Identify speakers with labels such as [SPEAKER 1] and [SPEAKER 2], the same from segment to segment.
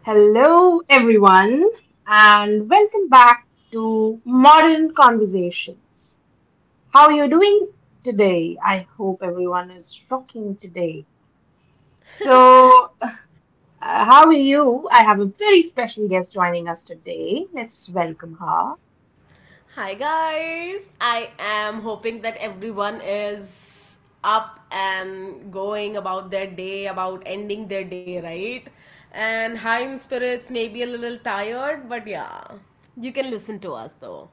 [SPEAKER 1] Hello, everyone, and welcome back to Modern Conversations. How are you doing today? I hope everyone is rocking today. So, how are you? I have a very special guest joining us today. Let's welcome her.
[SPEAKER 2] Hi guys, I am hoping that everyone is up and going about their day, about ending their day, right? And high in spirits, maybe a little tired, but yeah, you can listen to us though.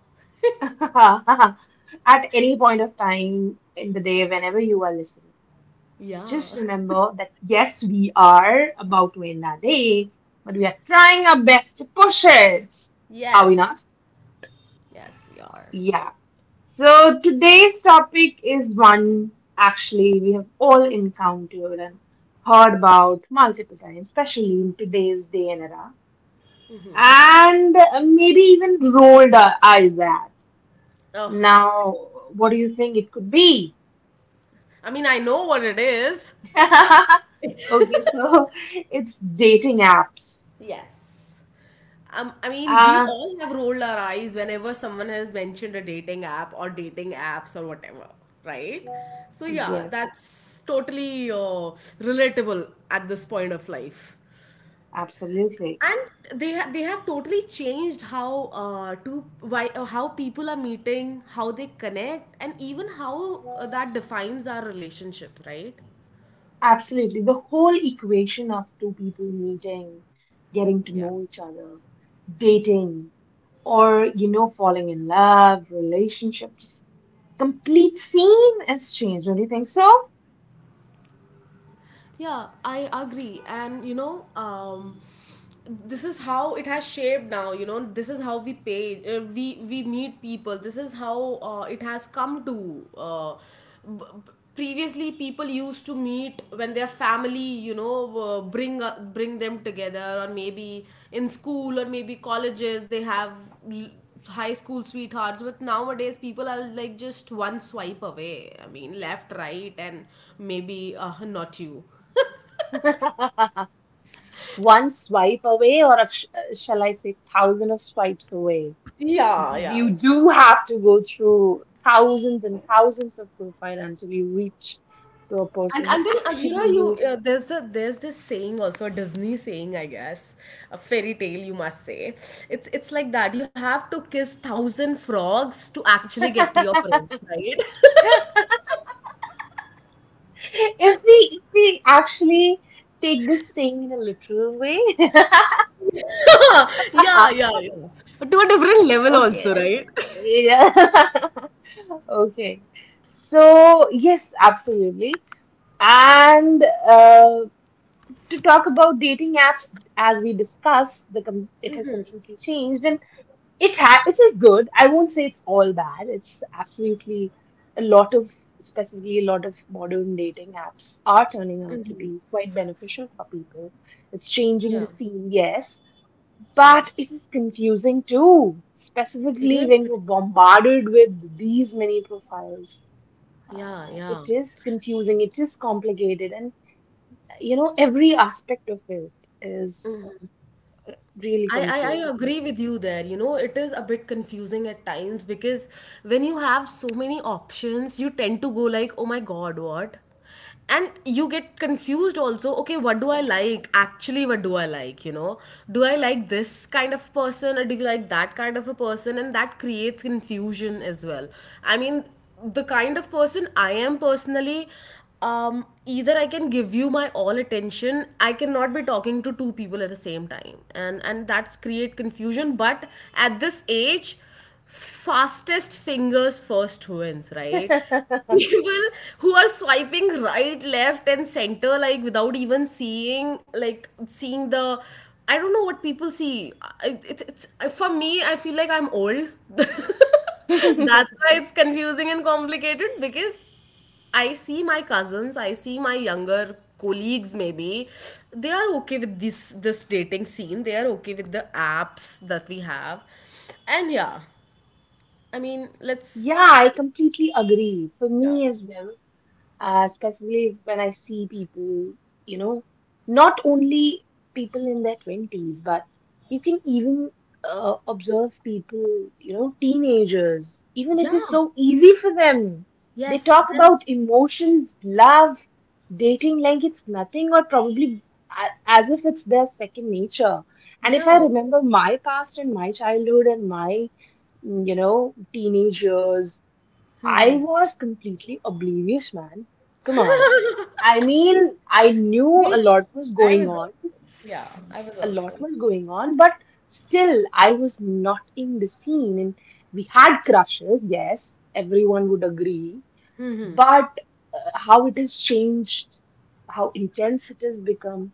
[SPEAKER 1] At any point of time in the day, whenever you are listening, just
[SPEAKER 2] Yeah.
[SPEAKER 1] remember that yes, we are about to end our day, but we are trying our best to push it. Are we
[SPEAKER 2] Yes.
[SPEAKER 1] not?
[SPEAKER 2] Yes, we are.
[SPEAKER 1] Yeah. So today's topic is one actually we have all encountered and heard about multiple times, especially in today's day and era, and maybe even rolled our eyes at.
[SPEAKER 2] Oh,
[SPEAKER 1] Now, what do you think it could be?
[SPEAKER 2] I mean, I know what it is.
[SPEAKER 1] Okay, so it's dating apps.
[SPEAKER 2] Yes. I mean, we
[SPEAKER 1] Ah,
[SPEAKER 2] all have rolled our eyes whenever someone has mentioned a dating app or dating apps or whatever, right? So, yeah,
[SPEAKER 1] yes,
[SPEAKER 2] that's totally relatable at this point of life.
[SPEAKER 1] absolutely.
[SPEAKER 2] And they have totally changed how to why how people are meeting, how they connect, and even how that defines our relationship, right?
[SPEAKER 1] Absolutely. The whole equation of two people meeting, getting
[SPEAKER 2] Yeah.
[SPEAKER 1] to know each other, dating, or, you know, falling in love, relationships. Complete scene is changed, don't you think so?
[SPEAKER 2] Yeah, I agree. This is how it has shaped now. You know, this is how we pay, we meet people. This is how it has come to. Previously, people used to meet when their family, you know, bring them together, or maybe in school, or maybe colleges. They have l- high school sweethearts, but nowadays people are like just one swipe away. I mean, left, right, and maybe not you.
[SPEAKER 1] One swipe away, or a, shall I say, thousand of swipes away?
[SPEAKER 2] Yeah,
[SPEAKER 1] Because
[SPEAKER 2] yeah.
[SPEAKER 1] you do have to go through thousands and thousands of profile until you reach to a
[SPEAKER 2] And
[SPEAKER 1] person
[SPEAKER 2] until, and you
[SPEAKER 1] actually
[SPEAKER 2] know,
[SPEAKER 1] you.
[SPEAKER 2] you there's a there's this saying also, a Disney saying, I guess, a fairy tale, you must say. It's like that, you have to kiss thousand frogs to actually get to your prince, right?
[SPEAKER 1] If we actually take this thing in a literal way,
[SPEAKER 2] Yeah, yeah, yeah, but to a different level
[SPEAKER 1] okay,
[SPEAKER 2] also, right?
[SPEAKER 1] yeah, okay. So yes, absolutely. And to talk about dating apps, as we discussed, the com it has completely changed, and it ha- it is good. I won't say it's all bad. It's absolutely a lot of specifically a lot of modern dating apps are turning out to be quite beneficial for people. It's changing the
[SPEAKER 2] Yeah,
[SPEAKER 1] scene, yes,
[SPEAKER 2] yeah,
[SPEAKER 1] but it is confusing too,
[SPEAKER 2] it
[SPEAKER 1] specifically
[SPEAKER 2] is
[SPEAKER 1] when
[SPEAKER 2] good.
[SPEAKER 1] you're bombarded with these many profiles.
[SPEAKER 2] Yeah, yeah.
[SPEAKER 1] It is confusing, it is complicated, and you know, every aspect of it is really
[SPEAKER 2] I
[SPEAKER 1] confusing.
[SPEAKER 2] agree with you there. You know, it is a bit confusing at times because when you have so many options, you tend to go like, oh my god, what? And you get confused also. Okay, what do I like? Actually, what do I like? You know, do I like this kind of person, or do you like that kind of a person? And that creates confusion as well. I mean, the kind of person I am personally, either I can give you my all attention. I cannot be talking to two people at the same time, and that's create confusion. But at this age, fastest fingers first wins, right? People who are swiping right, left, and center like without even seeing the. I don't know what people see. It's for me. I feel like I'm old. That's why it's confusing and complicated because I see my cousins, I see my younger colleagues. Maybe they are okay with this dating scene, they are okay with the apps that we have, and yeah, I mean,
[SPEAKER 1] Yeah,
[SPEAKER 2] let's.
[SPEAKER 1] I completely agree. For
[SPEAKER 2] Yeah,
[SPEAKER 1] me as well, especially when I see people, you know, not only people in their 20s, but you can even observe people, you know, teenagers. Even it is
[SPEAKER 2] yeah,
[SPEAKER 1] so easy for them. They
[SPEAKER 2] yes,
[SPEAKER 1] talk
[SPEAKER 2] yes,
[SPEAKER 1] about emotions, love, dating like it's nothing, or probably as if it's their second nature. And if I
[SPEAKER 2] yeah,
[SPEAKER 1] remember my past and my childhood and my you know, teenagers I was completely oblivious, man. Come on. I mean, I knew
[SPEAKER 2] we
[SPEAKER 1] a
[SPEAKER 2] were.
[SPEAKER 1] lot was
[SPEAKER 2] I
[SPEAKER 1] going
[SPEAKER 2] was
[SPEAKER 1] on,
[SPEAKER 2] also, yeah, I was
[SPEAKER 1] a lot
[SPEAKER 2] also,
[SPEAKER 1] was going on, but still, I was not in the scene. And we had crushes, yes, everyone would agree, but how it has changed, how intense it has become,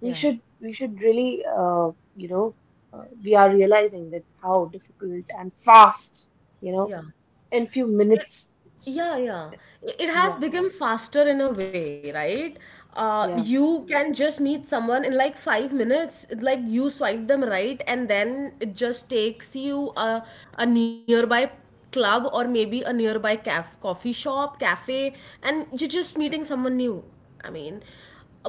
[SPEAKER 1] we
[SPEAKER 2] yeah,
[SPEAKER 1] should we should really, you know, we are realizing that how difficult and fast, you know,
[SPEAKER 2] yeah.
[SPEAKER 1] in few minutes, it's.
[SPEAKER 2] Yeah, yeah. It has
[SPEAKER 1] Yeah.
[SPEAKER 2] become faster in a way, right?
[SPEAKER 1] Yeah,
[SPEAKER 2] You can just meet someone in like 5 minutes. Like you swipe them right, and then it just takes you a nearby club, or maybe a nearby caf coffee shop, cafe, and you're just meeting someone new. I mean,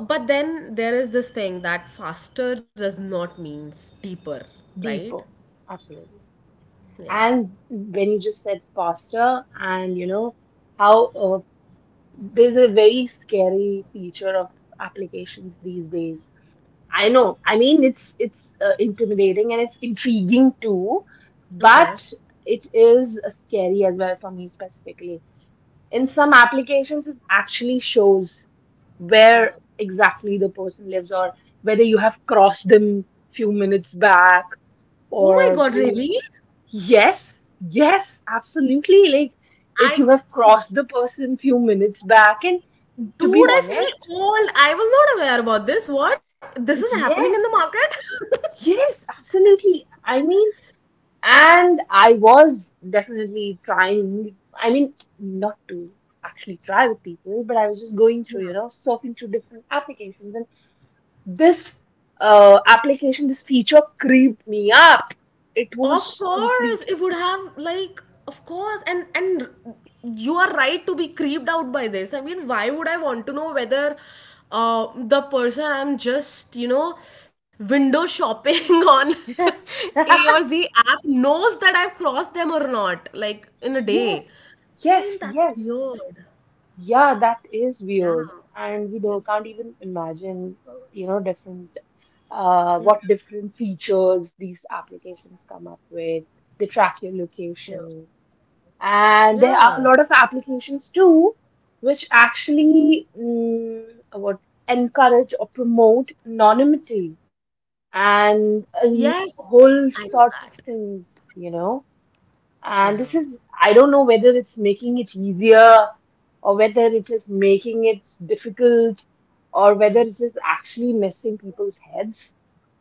[SPEAKER 2] but then there is this thing that faster does not mean deeper, right?
[SPEAKER 1] deeper, absolutely.
[SPEAKER 2] Yeah.
[SPEAKER 1] And when you just said faster, and you know how there's a very scary feature of applications these days. I know. I mean, it's intimidating and it's intriguing too,
[SPEAKER 2] Okay.
[SPEAKER 1] but it is scary as well for me specifically. In some applications, it actually shows
[SPEAKER 2] Yeah.
[SPEAKER 1] where exactly the person lives or whether you have crossed them few minutes back
[SPEAKER 2] Oh my God,
[SPEAKER 1] or whether
[SPEAKER 2] really?
[SPEAKER 1] you. Yes, yes, absolutely. Like if
[SPEAKER 2] I
[SPEAKER 1] you have crossed the person few minutes back, and to be
[SPEAKER 2] Dude, I
[SPEAKER 1] honest,
[SPEAKER 2] feel old. I was not aware about this. What? This is happening in the
[SPEAKER 1] yes,
[SPEAKER 2] market?
[SPEAKER 1] yes, absolutely. I mean, and I was definitely trying, I mean, not to actually try with people, but I was just going through, you know, surfing through different applications, and this application, this feature creeped me up. It
[SPEAKER 2] Of
[SPEAKER 1] was
[SPEAKER 2] course,
[SPEAKER 1] complete.
[SPEAKER 2] it would have, like, of course. And you are right to be creeped out by this. I mean, why would I want to know whether the person I'm just, you know, window shopping on A or Z app knows that I've crossed them or not, like in a
[SPEAKER 1] Yes,
[SPEAKER 2] day? I mean,
[SPEAKER 1] yes,
[SPEAKER 2] that's
[SPEAKER 1] yes.
[SPEAKER 2] weird.
[SPEAKER 1] Yeah, that is
[SPEAKER 2] Yeah.
[SPEAKER 1] weird, and we
[SPEAKER 2] Yeah.
[SPEAKER 1] don't can't even imagine, you know, different
[SPEAKER 2] Yeah.
[SPEAKER 1] what different features these applications come up with. They track your
[SPEAKER 2] Yeah.
[SPEAKER 1] location, and there
[SPEAKER 2] Yeah.
[SPEAKER 1] are a lot of applications too, which actually what encourage or promote anonymity and
[SPEAKER 2] Yes, I know
[SPEAKER 1] whole
[SPEAKER 2] that.
[SPEAKER 1] sorts of things, you know.
[SPEAKER 2] Yeah,
[SPEAKER 1] And this is, I don't know whether it's making it easier or whether it is making it difficult or whether
[SPEAKER 2] yeah,
[SPEAKER 1] it is actually messing people's heads.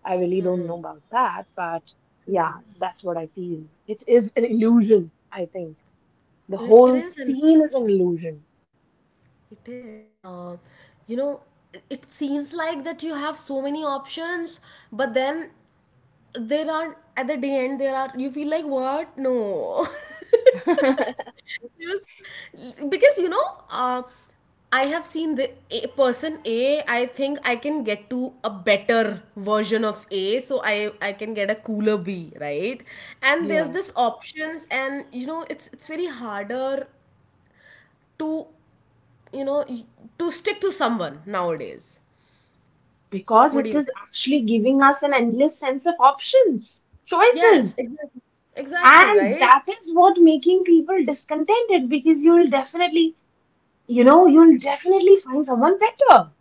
[SPEAKER 1] I really don't know about that, but yeah, that's what I feel. It is an illusion, I think. The whole
[SPEAKER 2] it is an
[SPEAKER 1] scene is an
[SPEAKER 2] option.
[SPEAKER 1] illusion.
[SPEAKER 2] It is. You know, it seems like that you have so many options, but then there are, at the day end, there are, you feel like, what? No. Yes, because you know, I have seen the a person A. I think I can get to a better version of A, so I can get a cooler B, right? And there's
[SPEAKER 1] Yeah,
[SPEAKER 2] this options, and you know, it's very harder to, you know y- to stick to someone nowadays.
[SPEAKER 1] because
[SPEAKER 2] What do
[SPEAKER 1] it
[SPEAKER 2] you
[SPEAKER 1] is
[SPEAKER 2] think?
[SPEAKER 1] actually giving us an endless sense of options,
[SPEAKER 2] Yes,
[SPEAKER 1] choices.
[SPEAKER 2] exactly, exactly,
[SPEAKER 1] And
[SPEAKER 2] right?
[SPEAKER 1] that is what making people discontented because you will definitely you know, you'll definitely find someone better.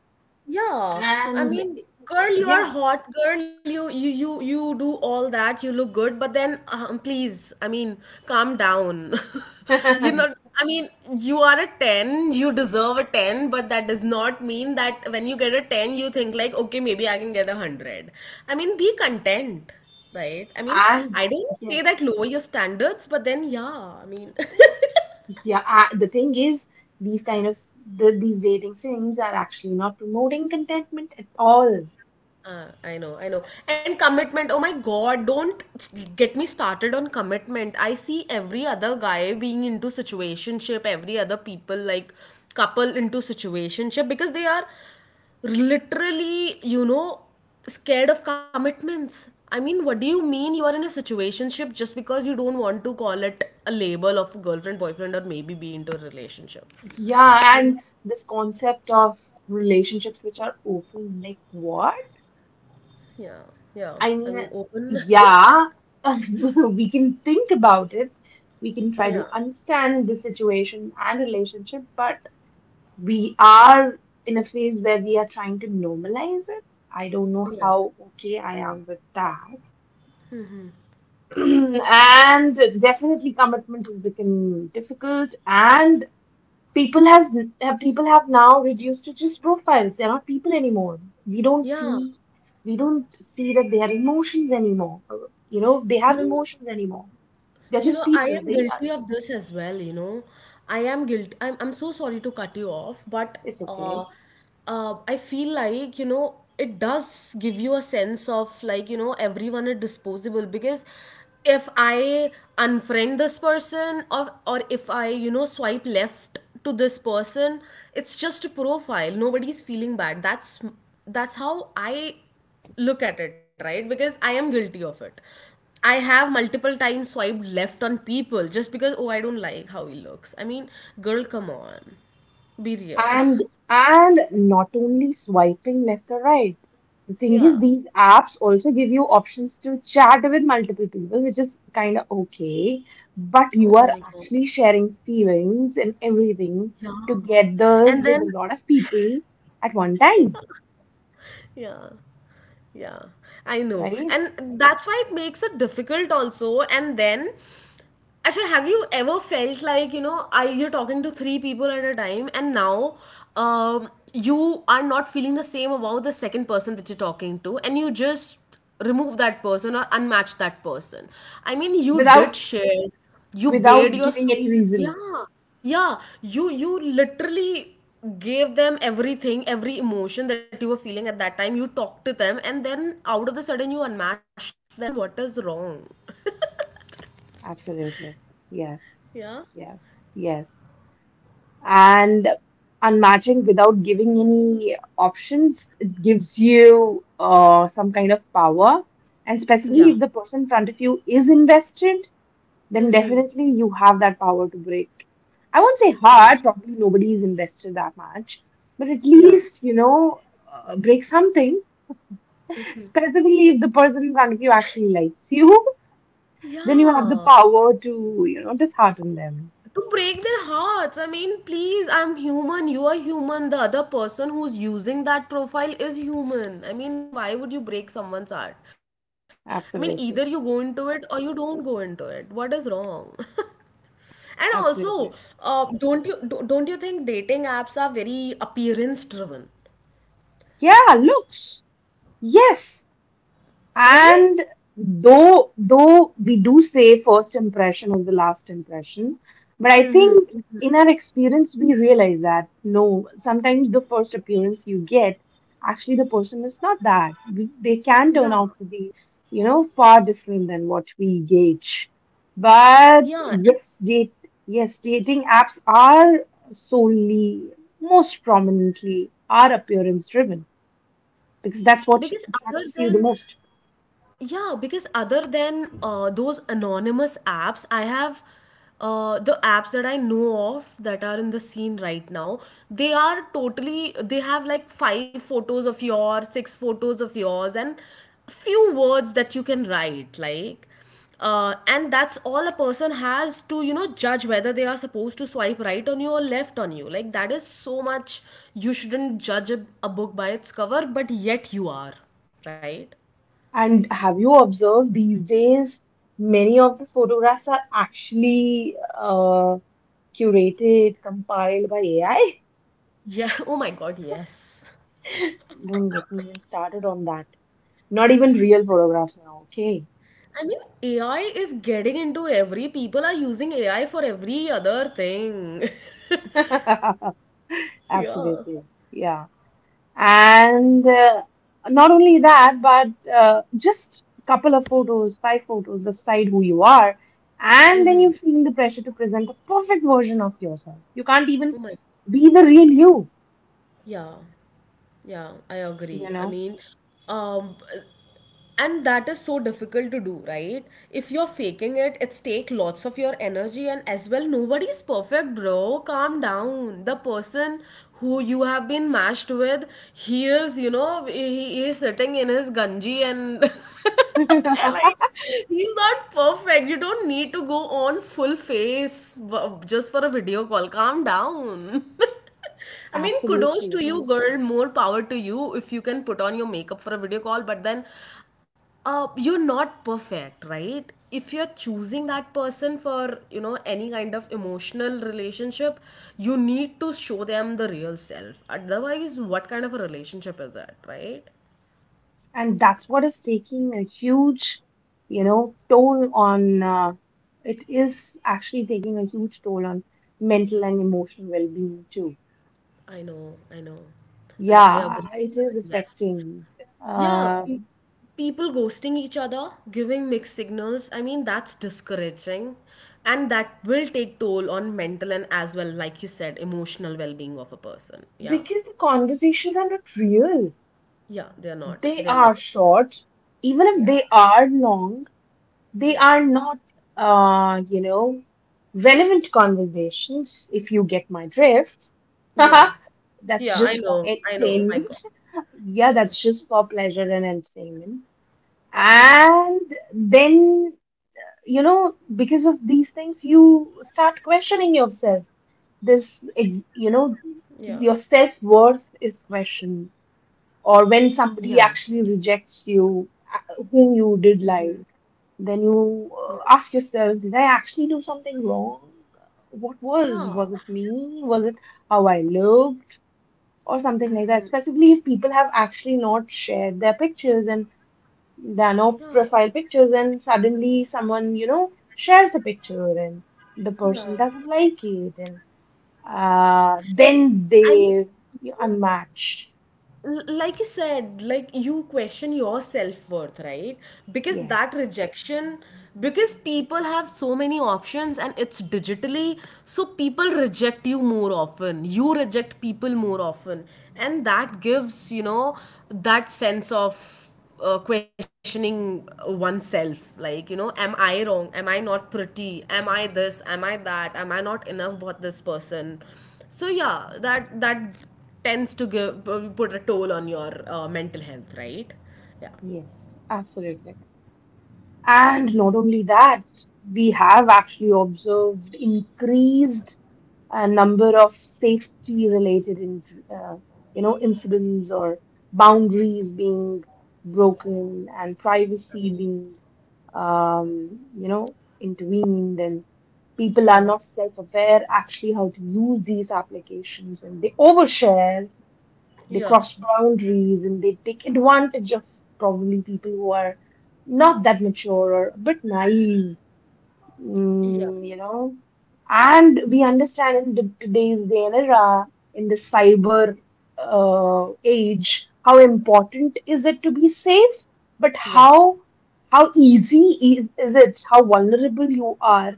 [SPEAKER 2] Yeah, I
[SPEAKER 1] And
[SPEAKER 2] mean, girl, you are
[SPEAKER 1] yeah,
[SPEAKER 2] hot, girl. You do all that. You look good, but then please, I mean, calm down. You're
[SPEAKER 1] and
[SPEAKER 2] not. I mean, you are a 10, you deserve a 10, but that does not mean that when you get a 10, you think like, okay, maybe I can get a 100. I mean, be content, right? I mean, I don't say that
[SPEAKER 1] yes,
[SPEAKER 2] lower your standards, but then yeah, I mean,
[SPEAKER 1] yeah. I, the thing is, these kind of the, these dating things are actually not promoting contentment at all.
[SPEAKER 2] I know, I know. And commitment, oh my god, don't s- get me started on commitment. I see every other guy being into situationship, every other people, like, couple into situationship, because they are literally, you know, scared of commitments. I mean, what do you mean you are in a situationship just because you don't want to call it a label of girlfriend, boyfriend, or maybe be into a relationship?
[SPEAKER 1] Yeah, and this concept of relationships which are open, like what?
[SPEAKER 2] Yeah, yeah.
[SPEAKER 1] I mean,
[SPEAKER 2] I mean, open.
[SPEAKER 1] yeah, we can think about it. We can try to
[SPEAKER 2] Yeah,
[SPEAKER 1] understand the situation and relationship, but we are in a phase where we are trying to normalize it. I don't know
[SPEAKER 2] yeah.
[SPEAKER 1] how okay I am with that. And definitely commitment has become difficult and people has have- people have now reduced to just profiles. They're not people anymore. We don't
[SPEAKER 2] Yeah.
[SPEAKER 1] see we don't see that they have emotions anymore. You know, they
[SPEAKER 2] You
[SPEAKER 1] have
[SPEAKER 2] know.
[SPEAKER 1] emotions anymore. They're
[SPEAKER 2] You
[SPEAKER 1] just
[SPEAKER 2] know, I
[SPEAKER 1] people.
[SPEAKER 2] am
[SPEAKER 1] They are
[SPEAKER 2] guilty of this as well, you know. I am guilty. I'm so sorry to cut you off, but
[SPEAKER 1] it's okay.
[SPEAKER 2] uh, I feel like, you know, it does give you a sense of like, you know, everyone is disposable because if I unfriend this person, or if I, you know, swipe left to this person, it's just a profile. Nobody's feeling bad. That's how I look at it, right? Because I am guilty of it. I have multiple times swiped left on people just because, oh, I don't like how he looks. I mean, girl, come on, be real.
[SPEAKER 1] And not only swiping left or right. The thing
[SPEAKER 2] Yeah,
[SPEAKER 1] is, these apps also give you options to chat with multiple people, which is kind of okay, but
[SPEAKER 2] oh
[SPEAKER 1] you
[SPEAKER 2] my
[SPEAKER 1] are
[SPEAKER 2] god,
[SPEAKER 1] actually sharing feelings and everything
[SPEAKER 2] yeah, and
[SPEAKER 1] together
[SPEAKER 2] then,
[SPEAKER 1] with a lot of people at one time,
[SPEAKER 2] yeah. Yeah, I know.
[SPEAKER 1] right?
[SPEAKER 2] And that's why it makes it difficult also. And then, actually, have you ever felt like, you know, I you're talking to three people at a time, and now you are not feeling the same about the second person that you're talking to, and you just remove that person or unmatch that person. I mean, you
[SPEAKER 1] Without
[SPEAKER 2] did share, you
[SPEAKER 1] without
[SPEAKER 2] bared your
[SPEAKER 1] giving
[SPEAKER 2] soul.
[SPEAKER 1] any reason.
[SPEAKER 2] Yeah, yeah. You literally gave them everything, every emotion that you were feeling at that time. You talked to them, and then out of the sudden you unmatched them. I mean, what is wrong?
[SPEAKER 1] Absolutely. Yes.
[SPEAKER 2] Yeah,
[SPEAKER 1] Yes. Yes. And unmatching without giving any options it gives you some kind of power and
[SPEAKER 2] yeah,
[SPEAKER 1] specifically if the person in front of you is invested then definitely you have that power to break. I won't say
[SPEAKER 2] yeah,
[SPEAKER 1] hard probably nobody is invested that much but at
[SPEAKER 2] yeah,
[SPEAKER 1] least you know break something specifically if the person in front of you actually likes you. Then you have the
[SPEAKER 2] yeah,
[SPEAKER 1] power to you know dishearten them.
[SPEAKER 2] to break their hearts. I mean, please, I'm human, you are human, the other person who's using that profile is human. I mean, why would you break someone's heart? I mean, either you go into it
[SPEAKER 1] Absolutely,
[SPEAKER 2] or you don't go into it. What is wrong? And also,
[SPEAKER 1] absolutely.
[SPEAKER 2] don't you think dating apps are very appearance driven,
[SPEAKER 1] Yeah, look. Yes,
[SPEAKER 2] right?
[SPEAKER 1] and though we do say first impression is the last impression, but I think in our experience we realize that no, sometimes the first appearance you get, actually the person is not that. We, they can turn
[SPEAKER 2] Yeah,
[SPEAKER 1] out to be, you know, far different than what we gauge.
[SPEAKER 2] yeah,
[SPEAKER 1] But
[SPEAKER 2] and
[SPEAKER 1] yes, date yes, dating apps are solely most prominently are appearance driven because that's what
[SPEAKER 2] because other
[SPEAKER 1] attracts you the
[SPEAKER 2] than.
[SPEAKER 1] most.
[SPEAKER 2] Yeah, because other than those anonymous apps, I have the apps that I know of that are in the scene right now. They are totally, they have like five photos of yours, six photos of yours, and few words that you can write. Like, and that's all a person has to, you know, judge whether they are supposed to swipe right on you or left on you. Like, that is so much. You shouldn't judge a book by its cover, but yet you are, right?
[SPEAKER 1] And have you observed these days, many of the photographs are actually curated, compiled by AI?
[SPEAKER 2] Yeah. Oh my God, yes.
[SPEAKER 1] Don't get me even started on that. Not even real photographs now, okay?
[SPEAKER 2] I mean, AI is getting into every. People are using AI for every other thing. Yeah.
[SPEAKER 1] Absolutely. Yeah. And not only that, but just couple of photos, five photos, decide who you are. And then you feel the pressure to present a perfect version of yourself. You can't even
[SPEAKER 2] Oh my.
[SPEAKER 1] be the real you
[SPEAKER 2] Yeah. Yeah, I
[SPEAKER 1] you
[SPEAKER 2] agree. I
[SPEAKER 1] know
[SPEAKER 2] mean, um, and that is so difficult to do, right? If you're faking it, it's take lots of your energy, and as well, nobody's perfect, bro, calm down. The person who you have been mashed with, he is, you know, he is sitting in his ganji and they're like, he's not perfect. You don't need to go on full face, just for a video call, calm down. I mean, kudos to
[SPEAKER 1] Absolutely.
[SPEAKER 2] you, girl. More power to you if you can put on your makeup for a video call, but then you're not perfect, right? If you're choosing that person for, you know, any kind of emotional relationship, you need to show them the real self. Otherwise, what kind of a relationship is that, right?
[SPEAKER 1] And that's what is taking a huge, you know, toll on, it is actually taking a huge toll on mental and emotional well-being too.
[SPEAKER 2] I know, I know. I agree
[SPEAKER 1] Yeah,
[SPEAKER 2] with
[SPEAKER 1] it is
[SPEAKER 2] that. Yes.
[SPEAKER 1] affecting,
[SPEAKER 2] Yeah,
[SPEAKER 1] uh,
[SPEAKER 2] people ghosting each other, giving mixed signals, I mean, that's discouraging. And that will take toll on mental, and as well, like you said, emotional well being of a person. Yeah.
[SPEAKER 1] because the conversations are not real.
[SPEAKER 2] Yeah. They're not.
[SPEAKER 1] They
[SPEAKER 2] They're
[SPEAKER 1] are
[SPEAKER 2] not.
[SPEAKER 1] short, even if
[SPEAKER 2] Yeah.
[SPEAKER 1] they are long. They
[SPEAKER 2] Yeah.
[SPEAKER 1] are not, you know, relevant conversations, if you get my drift.
[SPEAKER 2] Yeah.
[SPEAKER 1] That's
[SPEAKER 2] Yeah. I
[SPEAKER 1] just for
[SPEAKER 2] know. I know. My
[SPEAKER 1] entertainment.
[SPEAKER 2] God.
[SPEAKER 1] Yeah,
[SPEAKER 2] Yeah.
[SPEAKER 1] that's just for pleasure and entertainment. And then, you know, because of these things, you start questioning yourself.
[SPEAKER 2] Yeah.
[SPEAKER 1] You know, your self-worth is questioned. Or
[SPEAKER 2] Yeah.
[SPEAKER 1] when somebody actually rejects you, whom you did like. Then you ask yourself, did I actually do something wrong? What
[SPEAKER 2] Yeah.
[SPEAKER 1] was? Was it me? Was it how I looked? Or something like that. Especially if people have actually not shared their pictures and there are no
[SPEAKER 2] Yeah.
[SPEAKER 1] profile pictures, and suddenly someone, you know, shares a picture and the
[SPEAKER 2] Yeah.
[SPEAKER 1] person doesn't like it, and then
[SPEAKER 2] I mean,
[SPEAKER 1] they you unmatch.
[SPEAKER 2] like you said, like, you question your self-worth, right? Because
[SPEAKER 1] Yes,
[SPEAKER 2] that rejection, because people have so many options and it's digitally, so people reject you more often, you reject people more often, and that gives, that sense of questioning oneself, like, you know, am I wrong, am I not pretty, am I this, am I that, am I not enough about this person. So yeah, that tends to give, put a toll on your mental health, right? Yeah,
[SPEAKER 1] yes, absolutely. And not only that, we have actually observed increased number of safety-related, in, uh, you know, incidents or boundaries being broken and privacy being, you know, intervened, and people are
[SPEAKER 2] yeah,
[SPEAKER 1] not self-aware actually how to use these applications, and they overshare they
[SPEAKER 2] yeah,
[SPEAKER 1] cross boundaries and they take advantage of probably people who are not that mature or a bit naive,
[SPEAKER 2] yeah,
[SPEAKER 1] you know. And we understand in the, today's day and era, in the cyber age, how important is it to be safe, but
[SPEAKER 2] yeah,
[SPEAKER 1] how easy is it, how vulnerable you are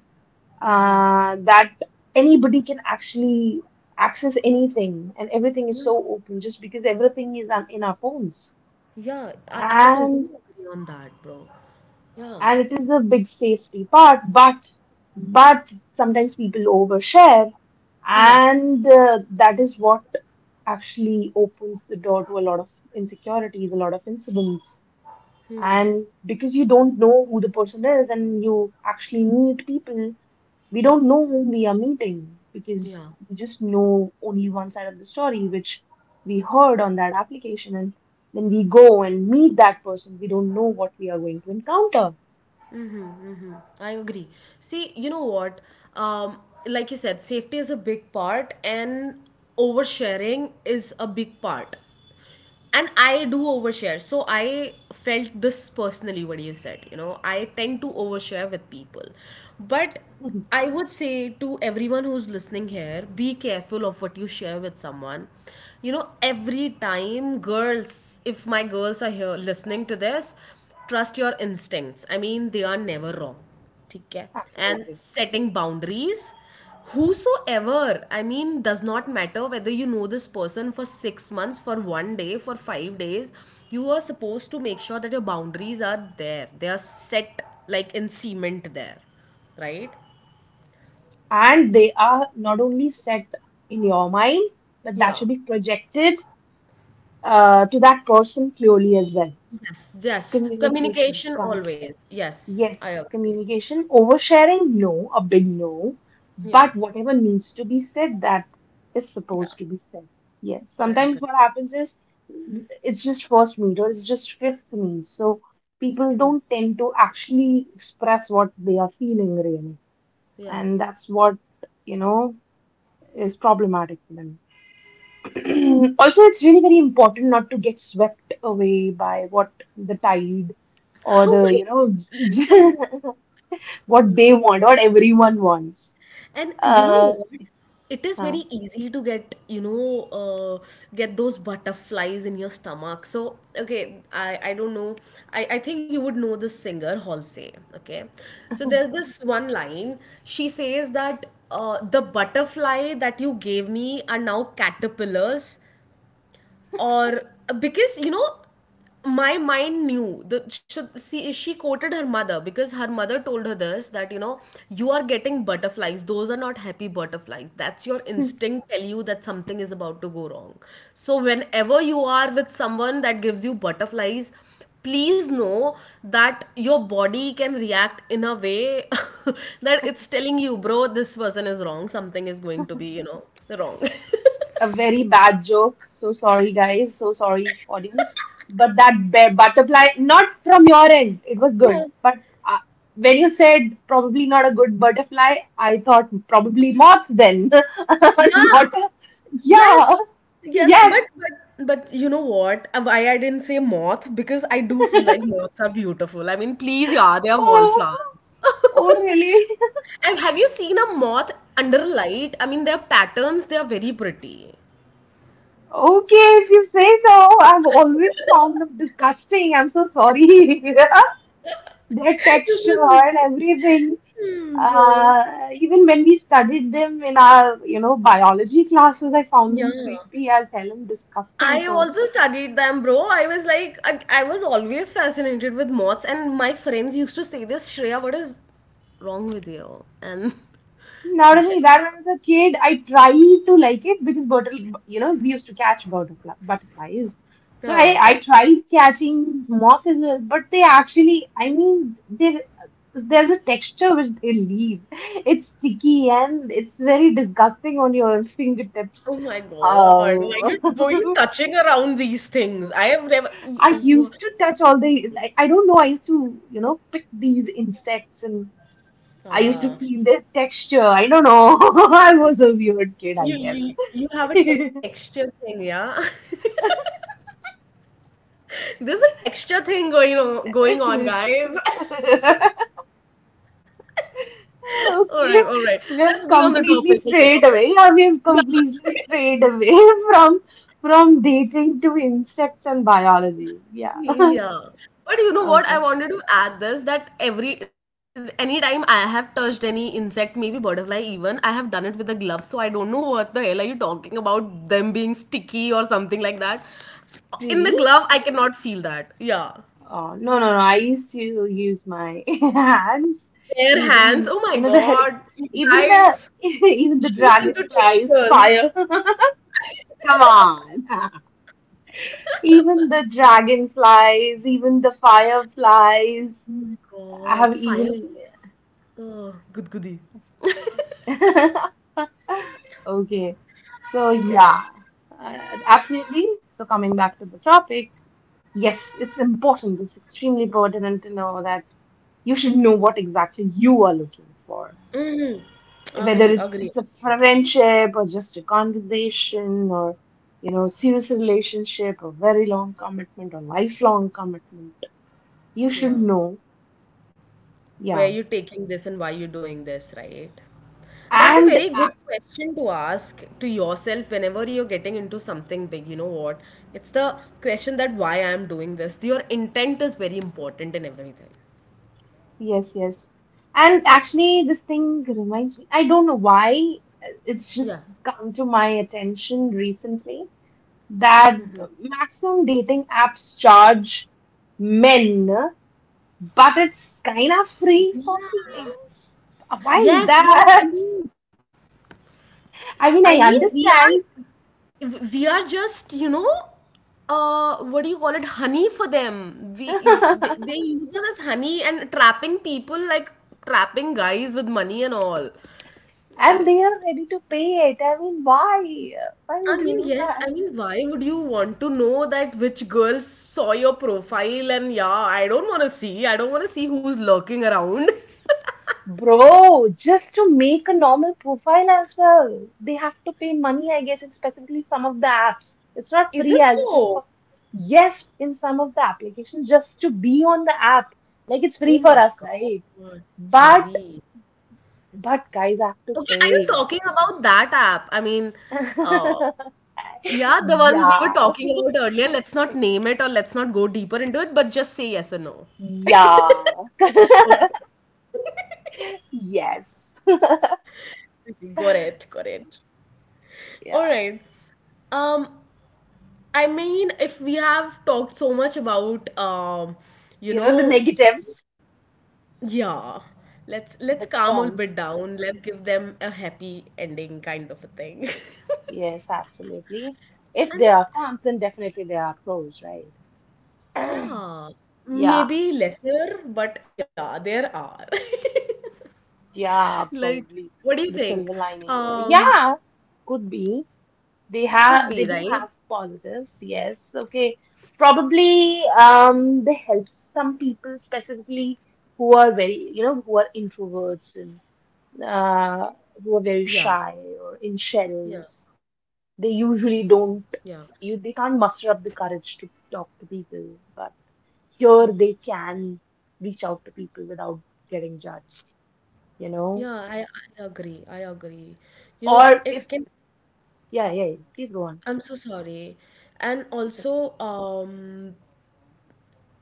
[SPEAKER 1] that anybody can actually access anything and everything is so
[SPEAKER 2] yeah,
[SPEAKER 1] open just because everything is on, in our phones
[SPEAKER 2] yeah, I totally
[SPEAKER 1] and
[SPEAKER 2] agree on that, bro. Yeah,
[SPEAKER 1] and it is a big safety part but sometimes people overshare
[SPEAKER 2] yeah,
[SPEAKER 1] and that is what actually opens the door to a lot of insecurities a lot of incidents and because you don't know who the person is and you actually need people we don't know whom we are meeting because
[SPEAKER 2] yeah,
[SPEAKER 1] we just know only one side of the story, which we heard on that application. And when we go and meet that person, we don't know what we are going to encounter.
[SPEAKER 2] I agree. See, you know what, um like you said, safety is a big part, and oversharing is a big part, and I do overshare, so I felt this personally, what you said, I tend to overshare with people, but I would say to everyone who's listening here, be careful of what you share with someone, you know. Every time, girls, if my girls are here listening to this, trust your instincts. I mean, they are never wrong. ठीक है. And
[SPEAKER 1] Absolutely.
[SPEAKER 2] setting boundaries, whosoever, I mean, does not matter whether you know this person for 6 months, for 1 day, for 5 days, you are supposed to make sure that your boundaries are there, they are set, like in cement there, right?
[SPEAKER 1] And they are not only set in your mind, but that
[SPEAKER 2] Yeah.
[SPEAKER 1] should be projected to that person clearly as well.
[SPEAKER 2] Yes, yes,
[SPEAKER 1] Communication,
[SPEAKER 2] communication always, yes. I
[SPEAKER 1] yes,
[SPEAKER 2] agree.
[SPEAKER 1] communication, oversharing, no, a big no,
[SPEAKER 2] Yeah,
[SPEAKER 1] but whatever needs to be said, that is
[SPEAKER 2] yeah,
[SPEAKER 1] supposed to be said. Yeah,
[SPEAKER 2] I
[SPEAKER 1] sometimes
[SPEAKER 2] agree.
[SPEAKER 1] what happens is it's just first meet or it's just fifth meet, so people don't tend to actually express what they are feeling really,
[SPEAKER 2] Yeah.
[SPEAKER 1] and that's what you know is problematic for them. Also, it's really very important not to get swept away by what the tide or
[SPEAKER 2] Oh
[SPEAKER 1] the
[SPEAKER 2] my
[SPEAKER 1] you know
[SPEAKER 2] god, I know. I
[SPEAKER 1] what
[SPEAKER 2] know.
[SPEAKER 1] they want, what everyone wants.
[SPEAKER 2] And you know
[SPEAKER 1] Uh,
[SPEAKER 2] what? It is
[SPEAKER 1] huh.
[SPEAKER 2] very easy to get, get those butterflies in your stomach. So, okay, I don't know. I think you would know this singer, Halsey. Okay. So there's this one line. She says that the butterfly that you gave me are now caterpillars, or, because you know, my mind knew the she, see, she quoted her mother, because her mother told her this, that you know, you are getting butterflies, those are not happy butterflies, that's your instinct tell you that something is about to go wrong. So whenever you are with someone that gives you butterflies, please know that your body can react in a way that it's telling you, bro, this person is wrong, something is going to be, wrong.
[SPEAKER 1] A very bad joke. So sorry, guys. So sorry, audience. But that butterfly, not from your end, it was good.
[SPEAKER 2] Yeah,
[SPEAKER 1] But uh, when you said probably not a good butterfly, I thought probably moth then.
[SPEAKER 2] yeah.
[SPEAKER 1] Not a, yeah,
[SPEAKER 2] Yes, yes,
[SPEAKER 1] yes.
[SPEAKER 2] but you know what? Why I didn't say moth, because I do feel like moths are beautiful. I mean, please, yeah, they are
[SPEAKER 1] Oh,
[SPEAKER 2] wallflowers.
[SPEAKER 1] oh, really?
[SPEAKER 2] And have you seen a moth under light? I mean, their patterns, they are very pretty.
[SPEAKER 1] Okay, if you say so. I've always found them disgusting. I'm so sorry. Their texture and
[SPEAKER 2] That's-
[SPEAKER 1] everything.
[SPEAKER 2] oh God.
[SPEAKER 1] Even when we studied them in our, you know, biology classes, I found
[SPEAKER 2] Yeah.
[SPEAKER 1] them creepy as hell and disgusting.
[SPEAKER 2] I
[SPEAKER 1] So
[SPEAKER 2] also studied them, bro. I was like, I was always fascinated with moths, and my friends used to say this, Shreya, what is wrong with you? And
[SPEAKER 1] not
[SPEAKER 2] yeah.
[SPEAKER 1] only that, when I was a kid, I tried to like it because butterfly, you know, we used to catch butterfly, butterflies. So I,
[SPEAKER 2] Yeah.
[SPEAKER 1] I tried catching moths as well, but they actually, I mean, they, there's a texture which they leave. It's sticky and it's very disgusting on your fingertips.
[SPEAKER 2] Oh my God. Why you
[SPEAKER 1] Um,
[SPEAKER 2] were you touching around these things? I have never. You,
[SPEAKER 1] I
[SPEAKER 2] wha-
[SPEAKER 1] used to touch all the, like, I don't know, I used to, you know, pick these insects and I used to
[SPEAKER 2] ah,
[SPEAKER 1] feel their texture. I don't know. I was a weird kid, I
[SPEAKER 2] you,
[SPEAKER 1] guess.
[SPEAKER 2] you, you have a texture thing, yeah? There's a texture thing going on, going on, guys. All right,
[SPEAKER 1] Okay,
[SPEAKER 2] all right.
[SPEAKER 1] we have
[SPEAKER 2] Let's be on the
[SPEAKER 1] completely
[SPEAKER 2] topic. Okay,
[SPEAKER 1] strayed
[SPEAKER 2] okay.
[SPEAKER 1] away. Yeah, we have
[SPEAKER 2] Yeah.
[SPEAKER 1] completely strayed away from from dating to insects and biology. Yeah.
[SPEAKER 2] Yeah. But you know what? I
[SPEAKER 1] Okay.
[SPEAKER 2] wanted to add this, that every, anytime I have touched any insect, maybe butterfly even, I have done it with a glove. So I don't know what the hell are you talking about, them being sticky or something like that. In the
[SPEAKER 1] Really?
[SPEAKER 2] glove, I cannot feel that. Yeah.
[SPEAKER 1] Oh, no, no, no. I used to use my hands.
[SPEAKER 2] Bare hands. Oh
[SPEAKER 1] Even,
[SPEAKER 2] my
[SPEAKER 1] you know,
[SPEAKER 2] god.
[SPEAKER 1] even the
[SPEAKER 2] Guys,
[SPEAKER 1] even the
[SPEAKER 2] she's into
[SPEAKER 1] dragonflies,
[SPEAKER 2] textures.
[SPEAKER 1] fire. Come on. Even the dragonflies, even the fireflies
[SPEAKER 2] Oh my
[SPEAKER 1] have
[SPEAKER 2] god.
[SPEAKER 1] even.
[SPEAKER 2] Fireflies. Oh, good goody.
[SPEAKER 1] Okay. So,
[SPEAKER 2] Okay.
[SPEAKER 1] yeah, uh, absolutely. So, coming back to the topic, yes, it's important. It's extremely important to know that you should know what exactly you are looking for.
[SPEAKER 2] Mm-hmm.
[SPEAKER 1] Whether
[SPEAKER 2] Agree,
[SPEAKER 1] it's
[SPEAKER 2] agree, agree.
[SPEAKER 1] it's a friendship or just a conversation or, you know, serious relationship or very long commitment or lifelong commitment. You should
[SPEAKER 2] Yeah.
[SPEAKER 1] know.
[SPEAKER 2] Where
[SPEAKER 1] Yeah.
[SPEAKER 2] you taking this and why you doing this, right? That's a
[SPEAKER 1] And
[SPEAKER 2] very good question to ask to yourself whenever you're getting into something big. You know what, it's the question that why I'm doing this. Your intent is very important in everything.
[SPEAKER 1] yes, yes. And actually, this thing reminds me, I don't know why, it's
[SPEAKER 2] Yeah.
[SPEAKER 1] just come to my attention recently that maximum dating apps charge men, but it's kind of free for females. Why is
[SPEAKER 2] Yes, yes
[SPEAKER 1] that?
[SPEAKER 2] it is.
[SPEAKER 1] I mean,
[SPEAKER 2] I
[SPEAKER 1] I
[SPEAKER 2] mean, we are
[SPEAKER 1] understand.
[SPEAKER 2] we are just, you know, uh, what do you call it, honey for them. We, they use us as honey and trapping people, like trapping guys with money and all.
[SPEAKER 1] And they are ready to pay it. I mean, why? Why
[SPEAKER 2] I
[SPEAKER 1] would you
[SPEAKER 2] mean,
[SPEAKER 1] do
[SPEAKER 2] yes.
[SPEAKER 1] that?
[SPEAKER 2] I mean, why would you want to know that which girls saw your profile? And yeah, I don't want to see. I don't want to see who's lurking around.
[SPEAKER 1] Bro, just to make a normal profile as well, they have to pay money, I guess, and specifically some of the apps. It's not
[SPEAKER 2] Is
[SPEAKER 1] free
[SPEAKER 2] it
[SPEAKER 1] as it is for,
[SPEAKER 2] so?
[SPEAKER 1] yes, in some of the applications, just to be on the app. Like it's free
[SPEAKER 2] Oh
[SPEAKER 1] for
[SPEAKER 2] my
[SPEAKER 1] us, right?
[SPEAKER 2] God.
[SPEAKER 1] But,
[SPEAKER 2] Heavy.
[SPEAKER 1] but guys have to
[SPEAKER 2] Okay, are you
[SPEAKER 1] pay.
[SPEAKER 2] talking about that app? I mean, uh, yeah, the one we were
[SPEAKER 1] Yeah,
[SPEAKER 2] talking about earlier. Let's not name it or let's not go deeper into it, but just say yes or no.
[SPEAKER 1] yeah,
[SPEAKER 2] Okay.
[SPEAKER 1] yes,
[SPEAKER 2] Okay, got it. Got it. All
[SPEAKER 1] yeah.
[SPEAKER 2] right. Um, I mean, if we have talked so much about, you
[SPEAKER 1] You know, the
[SPEAKER 2] know,
[SPEAKER 1] negatives,
[SPEAKER 2] yeah, let's
[SPEAKER 1] the
[SPEAKER 2] calm a bit
[SPEAKER 1] cons.
[SPEAKER 2] down. Let's give them a happy ending, kind of a thing.
[SPEAKER 1] Yes, absolutely. If
[SPEAKER 2] I mean,
[SPEAKER 1] there are cons, then definitely there are pros, right?
[SPEAKER 2] yeah,
[SPEAKER 1] Yeah,
[SPEAKER 2] maybe lesser, but yeah, there are.
[SPEAKER 1] yeah,
[SPEAKER 2] Like,
[SPEAKER 1] probably
[SPEAKER 2] what do you
[SPEAKER 1] the
[SPEAKER 2] think?
[SPEAKER 1] silver lining here.
[SPEAKER 2] Um,
[SPEAKER 1] Yeah, could be. They
[SPEAKER 2] could
[SPEAKER 1] have,
[SPEAKER 2] be,
[SPEAKER 1] they do
[SPEAKER 2] right?
[SPEAKER 1] have positives. Yes, okay. Probably, they help some people specifically who are very, you know, who are introverts and uh, who are very
[SPEAKER 2] Yeah,
[SPEAKER 1] shy or in
[SPEAKER 2] yeah,
[SPEAKER 1] shells. They usually
[SPEAKER 2] yeah,
[SPEAKER 1] don't, you, they can't muster up the courage to talk to people, but here they can reach out to people without getting judged, you know?
[SPEAKER 2] yeah. I agree. I agree. You know,
[SPEAKER 1] Or
[SPEAKER 2] and it
[SPEAKER 1] if,
[SPEAKER 2] can.
[SPEAKER 1] yeah, yeah, yeah, please go on.
[SPEAKER 2] I'm so sorry. And
[SPEAKER 1] It's okay.
[SPEAKER 2] also,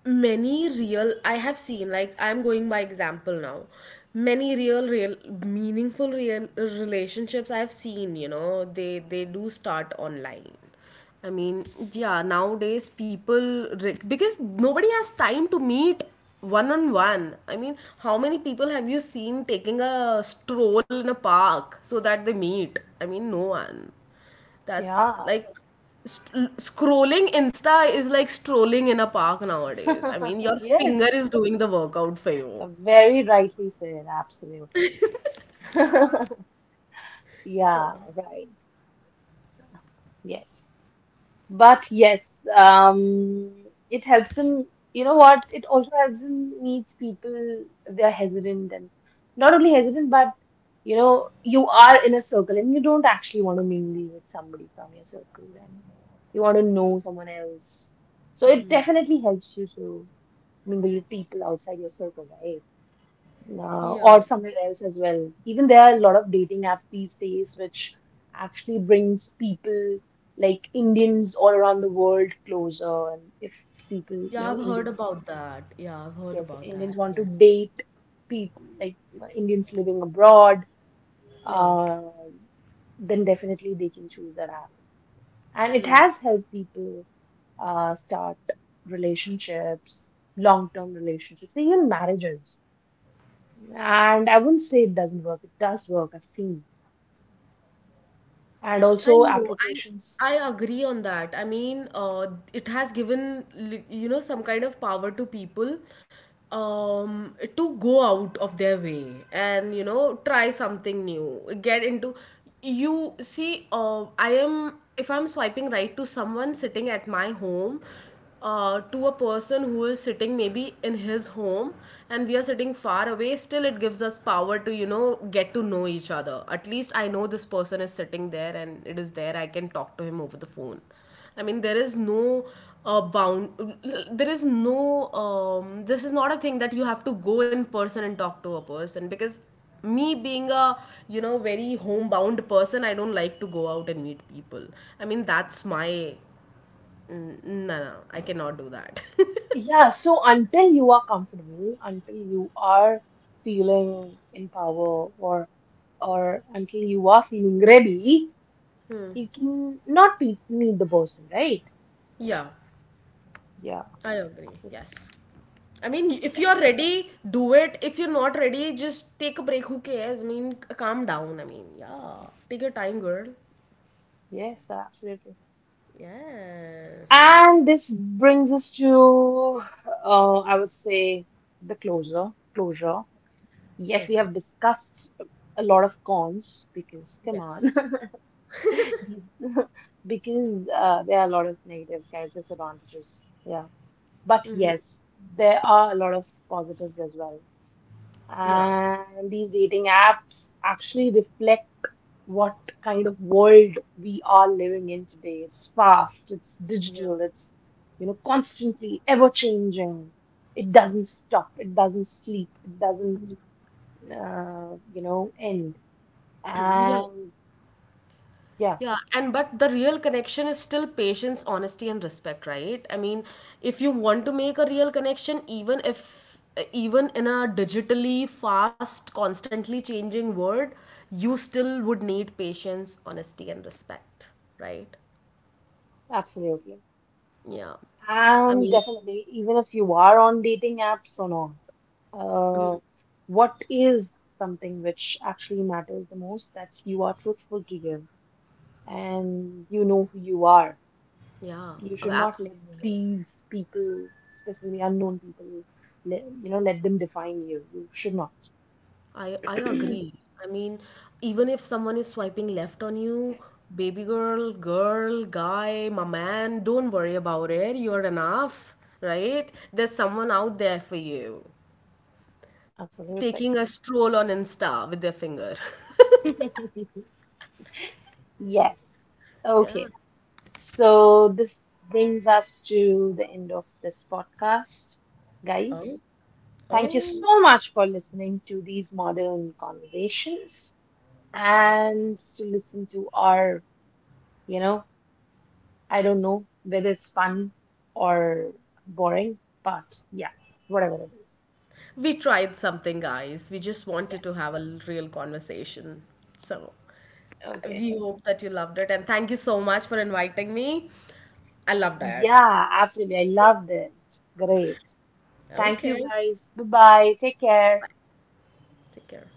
[SPEAKER 2] many real, I have seen, like I'm going by example now, many real meaningful real relationships I've seen, you know, they do start online. I mean, yeah, nowadays people re- because nobody has time to meet one on one. I mean, how many people have you seen taking a stroll in a park so that they meet? I mean, no one. That's
[SPEAKER 1] Yeah.
[SPEAKER 2] like scrolling Insta is like strolling in a park nowadays. I mean, your
[SPEAKER 1] Yes.
[SPEAKER 2] finger is doing the workout for you.
[SPEAKER 1] Very rightly said. Absolutely. Yeah, right. Yes. But yes, it helps them. You know what? It also helps them meet people if they're hesitant and not only hesitant, but you know, you are in a circle and you don't actually want to mingle with somebody from your circle and you want to know someone else. So it definitely helps you to mingle with people outside your circle, right?
[SPEAKER 2] Yeah.
[SPEAKER 1] Or somewhere else as well. Even there are a lot of dating apps these days, which actually brings people like Indians all around the world closer. And if people, you
[SPEAKER 2] Yeah, I've
[SPEAKER 1] know,
[SPEAKER 2] heard
[SPEAKER 1] Indians,
[SPEAKER 2] about that. Yeah, I've heard
[SPEAKER 1] yes,
[SPEAKER 2] about that.
[SPEAKER 1] Indians want to
[SPEAKER 2] Yes.
[SPEAKER 1] date people like Indians living abroad,
[SPEAKER 2] Yeah.
[SPEAKER 1] uh, then definitely they can choose that app. And it has helped people start relationships, long-term relationships, even marriages. And I wouldn't say it doesn't work. It does work. I've seen. And
[SPEAKER 2] I
[SPEAKER 1] also
[SPEAKER 2] know.
[SPEAKER 1] applications.
[SPEAKER 2] I agree on that. I mean, it has given you know, some kind of power to people, to go out of their way and you know try something new. Get into, you see, I am, if I'm swiping right to someone sitting at my home, to a person who is sitting maybe in his home, and we are sitting far away, still it gives us power to, you know, get to know each other. At least I know this person is sitting there and it is there, I can talk to him over the phone. I mean, there is no bound, there is no, this is not a thing that you have to go in person and talk to a person, because me being a, you know, very homebound person, I don't like to go out and meet people. I mean, that's my, mm, no, no, I cannot do that.
[SPEAKER 1] Yeah, so until you are comfortable, until you are feeling in power or until you are feeling ready, you can not be, meet the person, right?
[SPEAKER 2] Yeah,
[SPEAKER 1] Yeah,
[SPEAKER 2] I agree.
[SPEAKER 1] absolutely.
[SPEAKER 2] Yes. I mean, if
[SPEAKER 1] Yeah.
[SPEAKER 2] you're ready, do it. If you're not ready, just take a break. Who cares? I mean, calm down. I mean, yeah. Take your time, girl.
[SPEAKER 1] Yes, absolutely.
[SPEAKER 2] Yes.
[SPEAKER 1] And this brings us to, I would say, the closure. Closure. Yes, we
[SPEAKER 2] Okay.
[SPEAKER 1] have discussed a lot of cons because, come
[SPEAKER 2] Yes.
[SPEAKER 1] on, these because there are a lot of negatives, guys, disadvantages. Yeah, but yes, there are a lot of positives as well.
[SPEAKER 2] Yeah.
[SPEAKER 1] And these dating apps actually reflect what kind of world we are living in today. It's fast, it's
[SPEAKER 2] Yeah.
[SPEAKER 1] digital, it's you know constantly ever changing. It
[SPEAKER 2] Yeah.
[SPEAKER 1] doesn't stop, it doesn't sleep, it doesn't you know end.
[SPEAKER 2] Yeah.
[SPEAKER 1] And yeah,
[SPEAKER 2] Yeah, and but the real connection is still patience, honesty, and respect, right? I mean, if you want to make a real connection, even if, even in a digitally fast, constantly changing world, you still would need patience, honesty, and respect, right?
[SPEAKER 1] absolutely.
[SPEAKER 2] Yeah. I
[SPEAKER 1] And
[SPEAKER 2] mean,
[SPEAKER 1] definitely, even if you are on dating apps or not, uh, what is something which actually matters the most that you are truthful to you and you know who you are.
[SPEAKER 2] yeah,
[SPEAKER 1] You should not let
[SPEAKER 2] absolutely.
[SPEAKER 1] these people, especially unknown people, let, you know, let them define you. You should not.
[SPEAKER 2] I agree. I mean, even if someone is swiping left on you, baby girl, girl, guy, my man, don't worry about it. You're enough, right? There's someone out there for you.
[SPEAKER 1] Absolutely.
[SPEAKER 2] Taking a stroll on Insta with their finger.
[SPEAKER 1] Yes.
[SPEAKER 2] Yeah.
[SPEAKER 1] Okay. So this brings us to the end of this podcast, guys.
[SPEAKER 2] Oh,
[SPEAKER 1] Thank you
[SPEAKER 2] oh.
[SPEAKER 1] so much for listening to these modern conversations
[SPEAKER 2] Yeah.
[SPEAKER 1] and to listen to our, you know, I don't know whether it's fun or boring, but yeah, whatever it is.
[SPEAKER 2] We tried something, guys. We just wanted to
[SPEAKER 1] Yes.
[SPEAKER 2] have a real conversation. So
[SPEAKER 1] Okay.
[SPEAKER 2] we hope that you loved it. And thank you so much for inviting me. I love that.
[SPEAKER 1] Yeah, absolutely. I loved it. Great. Thank you
[SPEAKER 2] Okay.
[SPEAKER 1] guys. Bye bye. Take care.
[SPEAKER 2] Take care.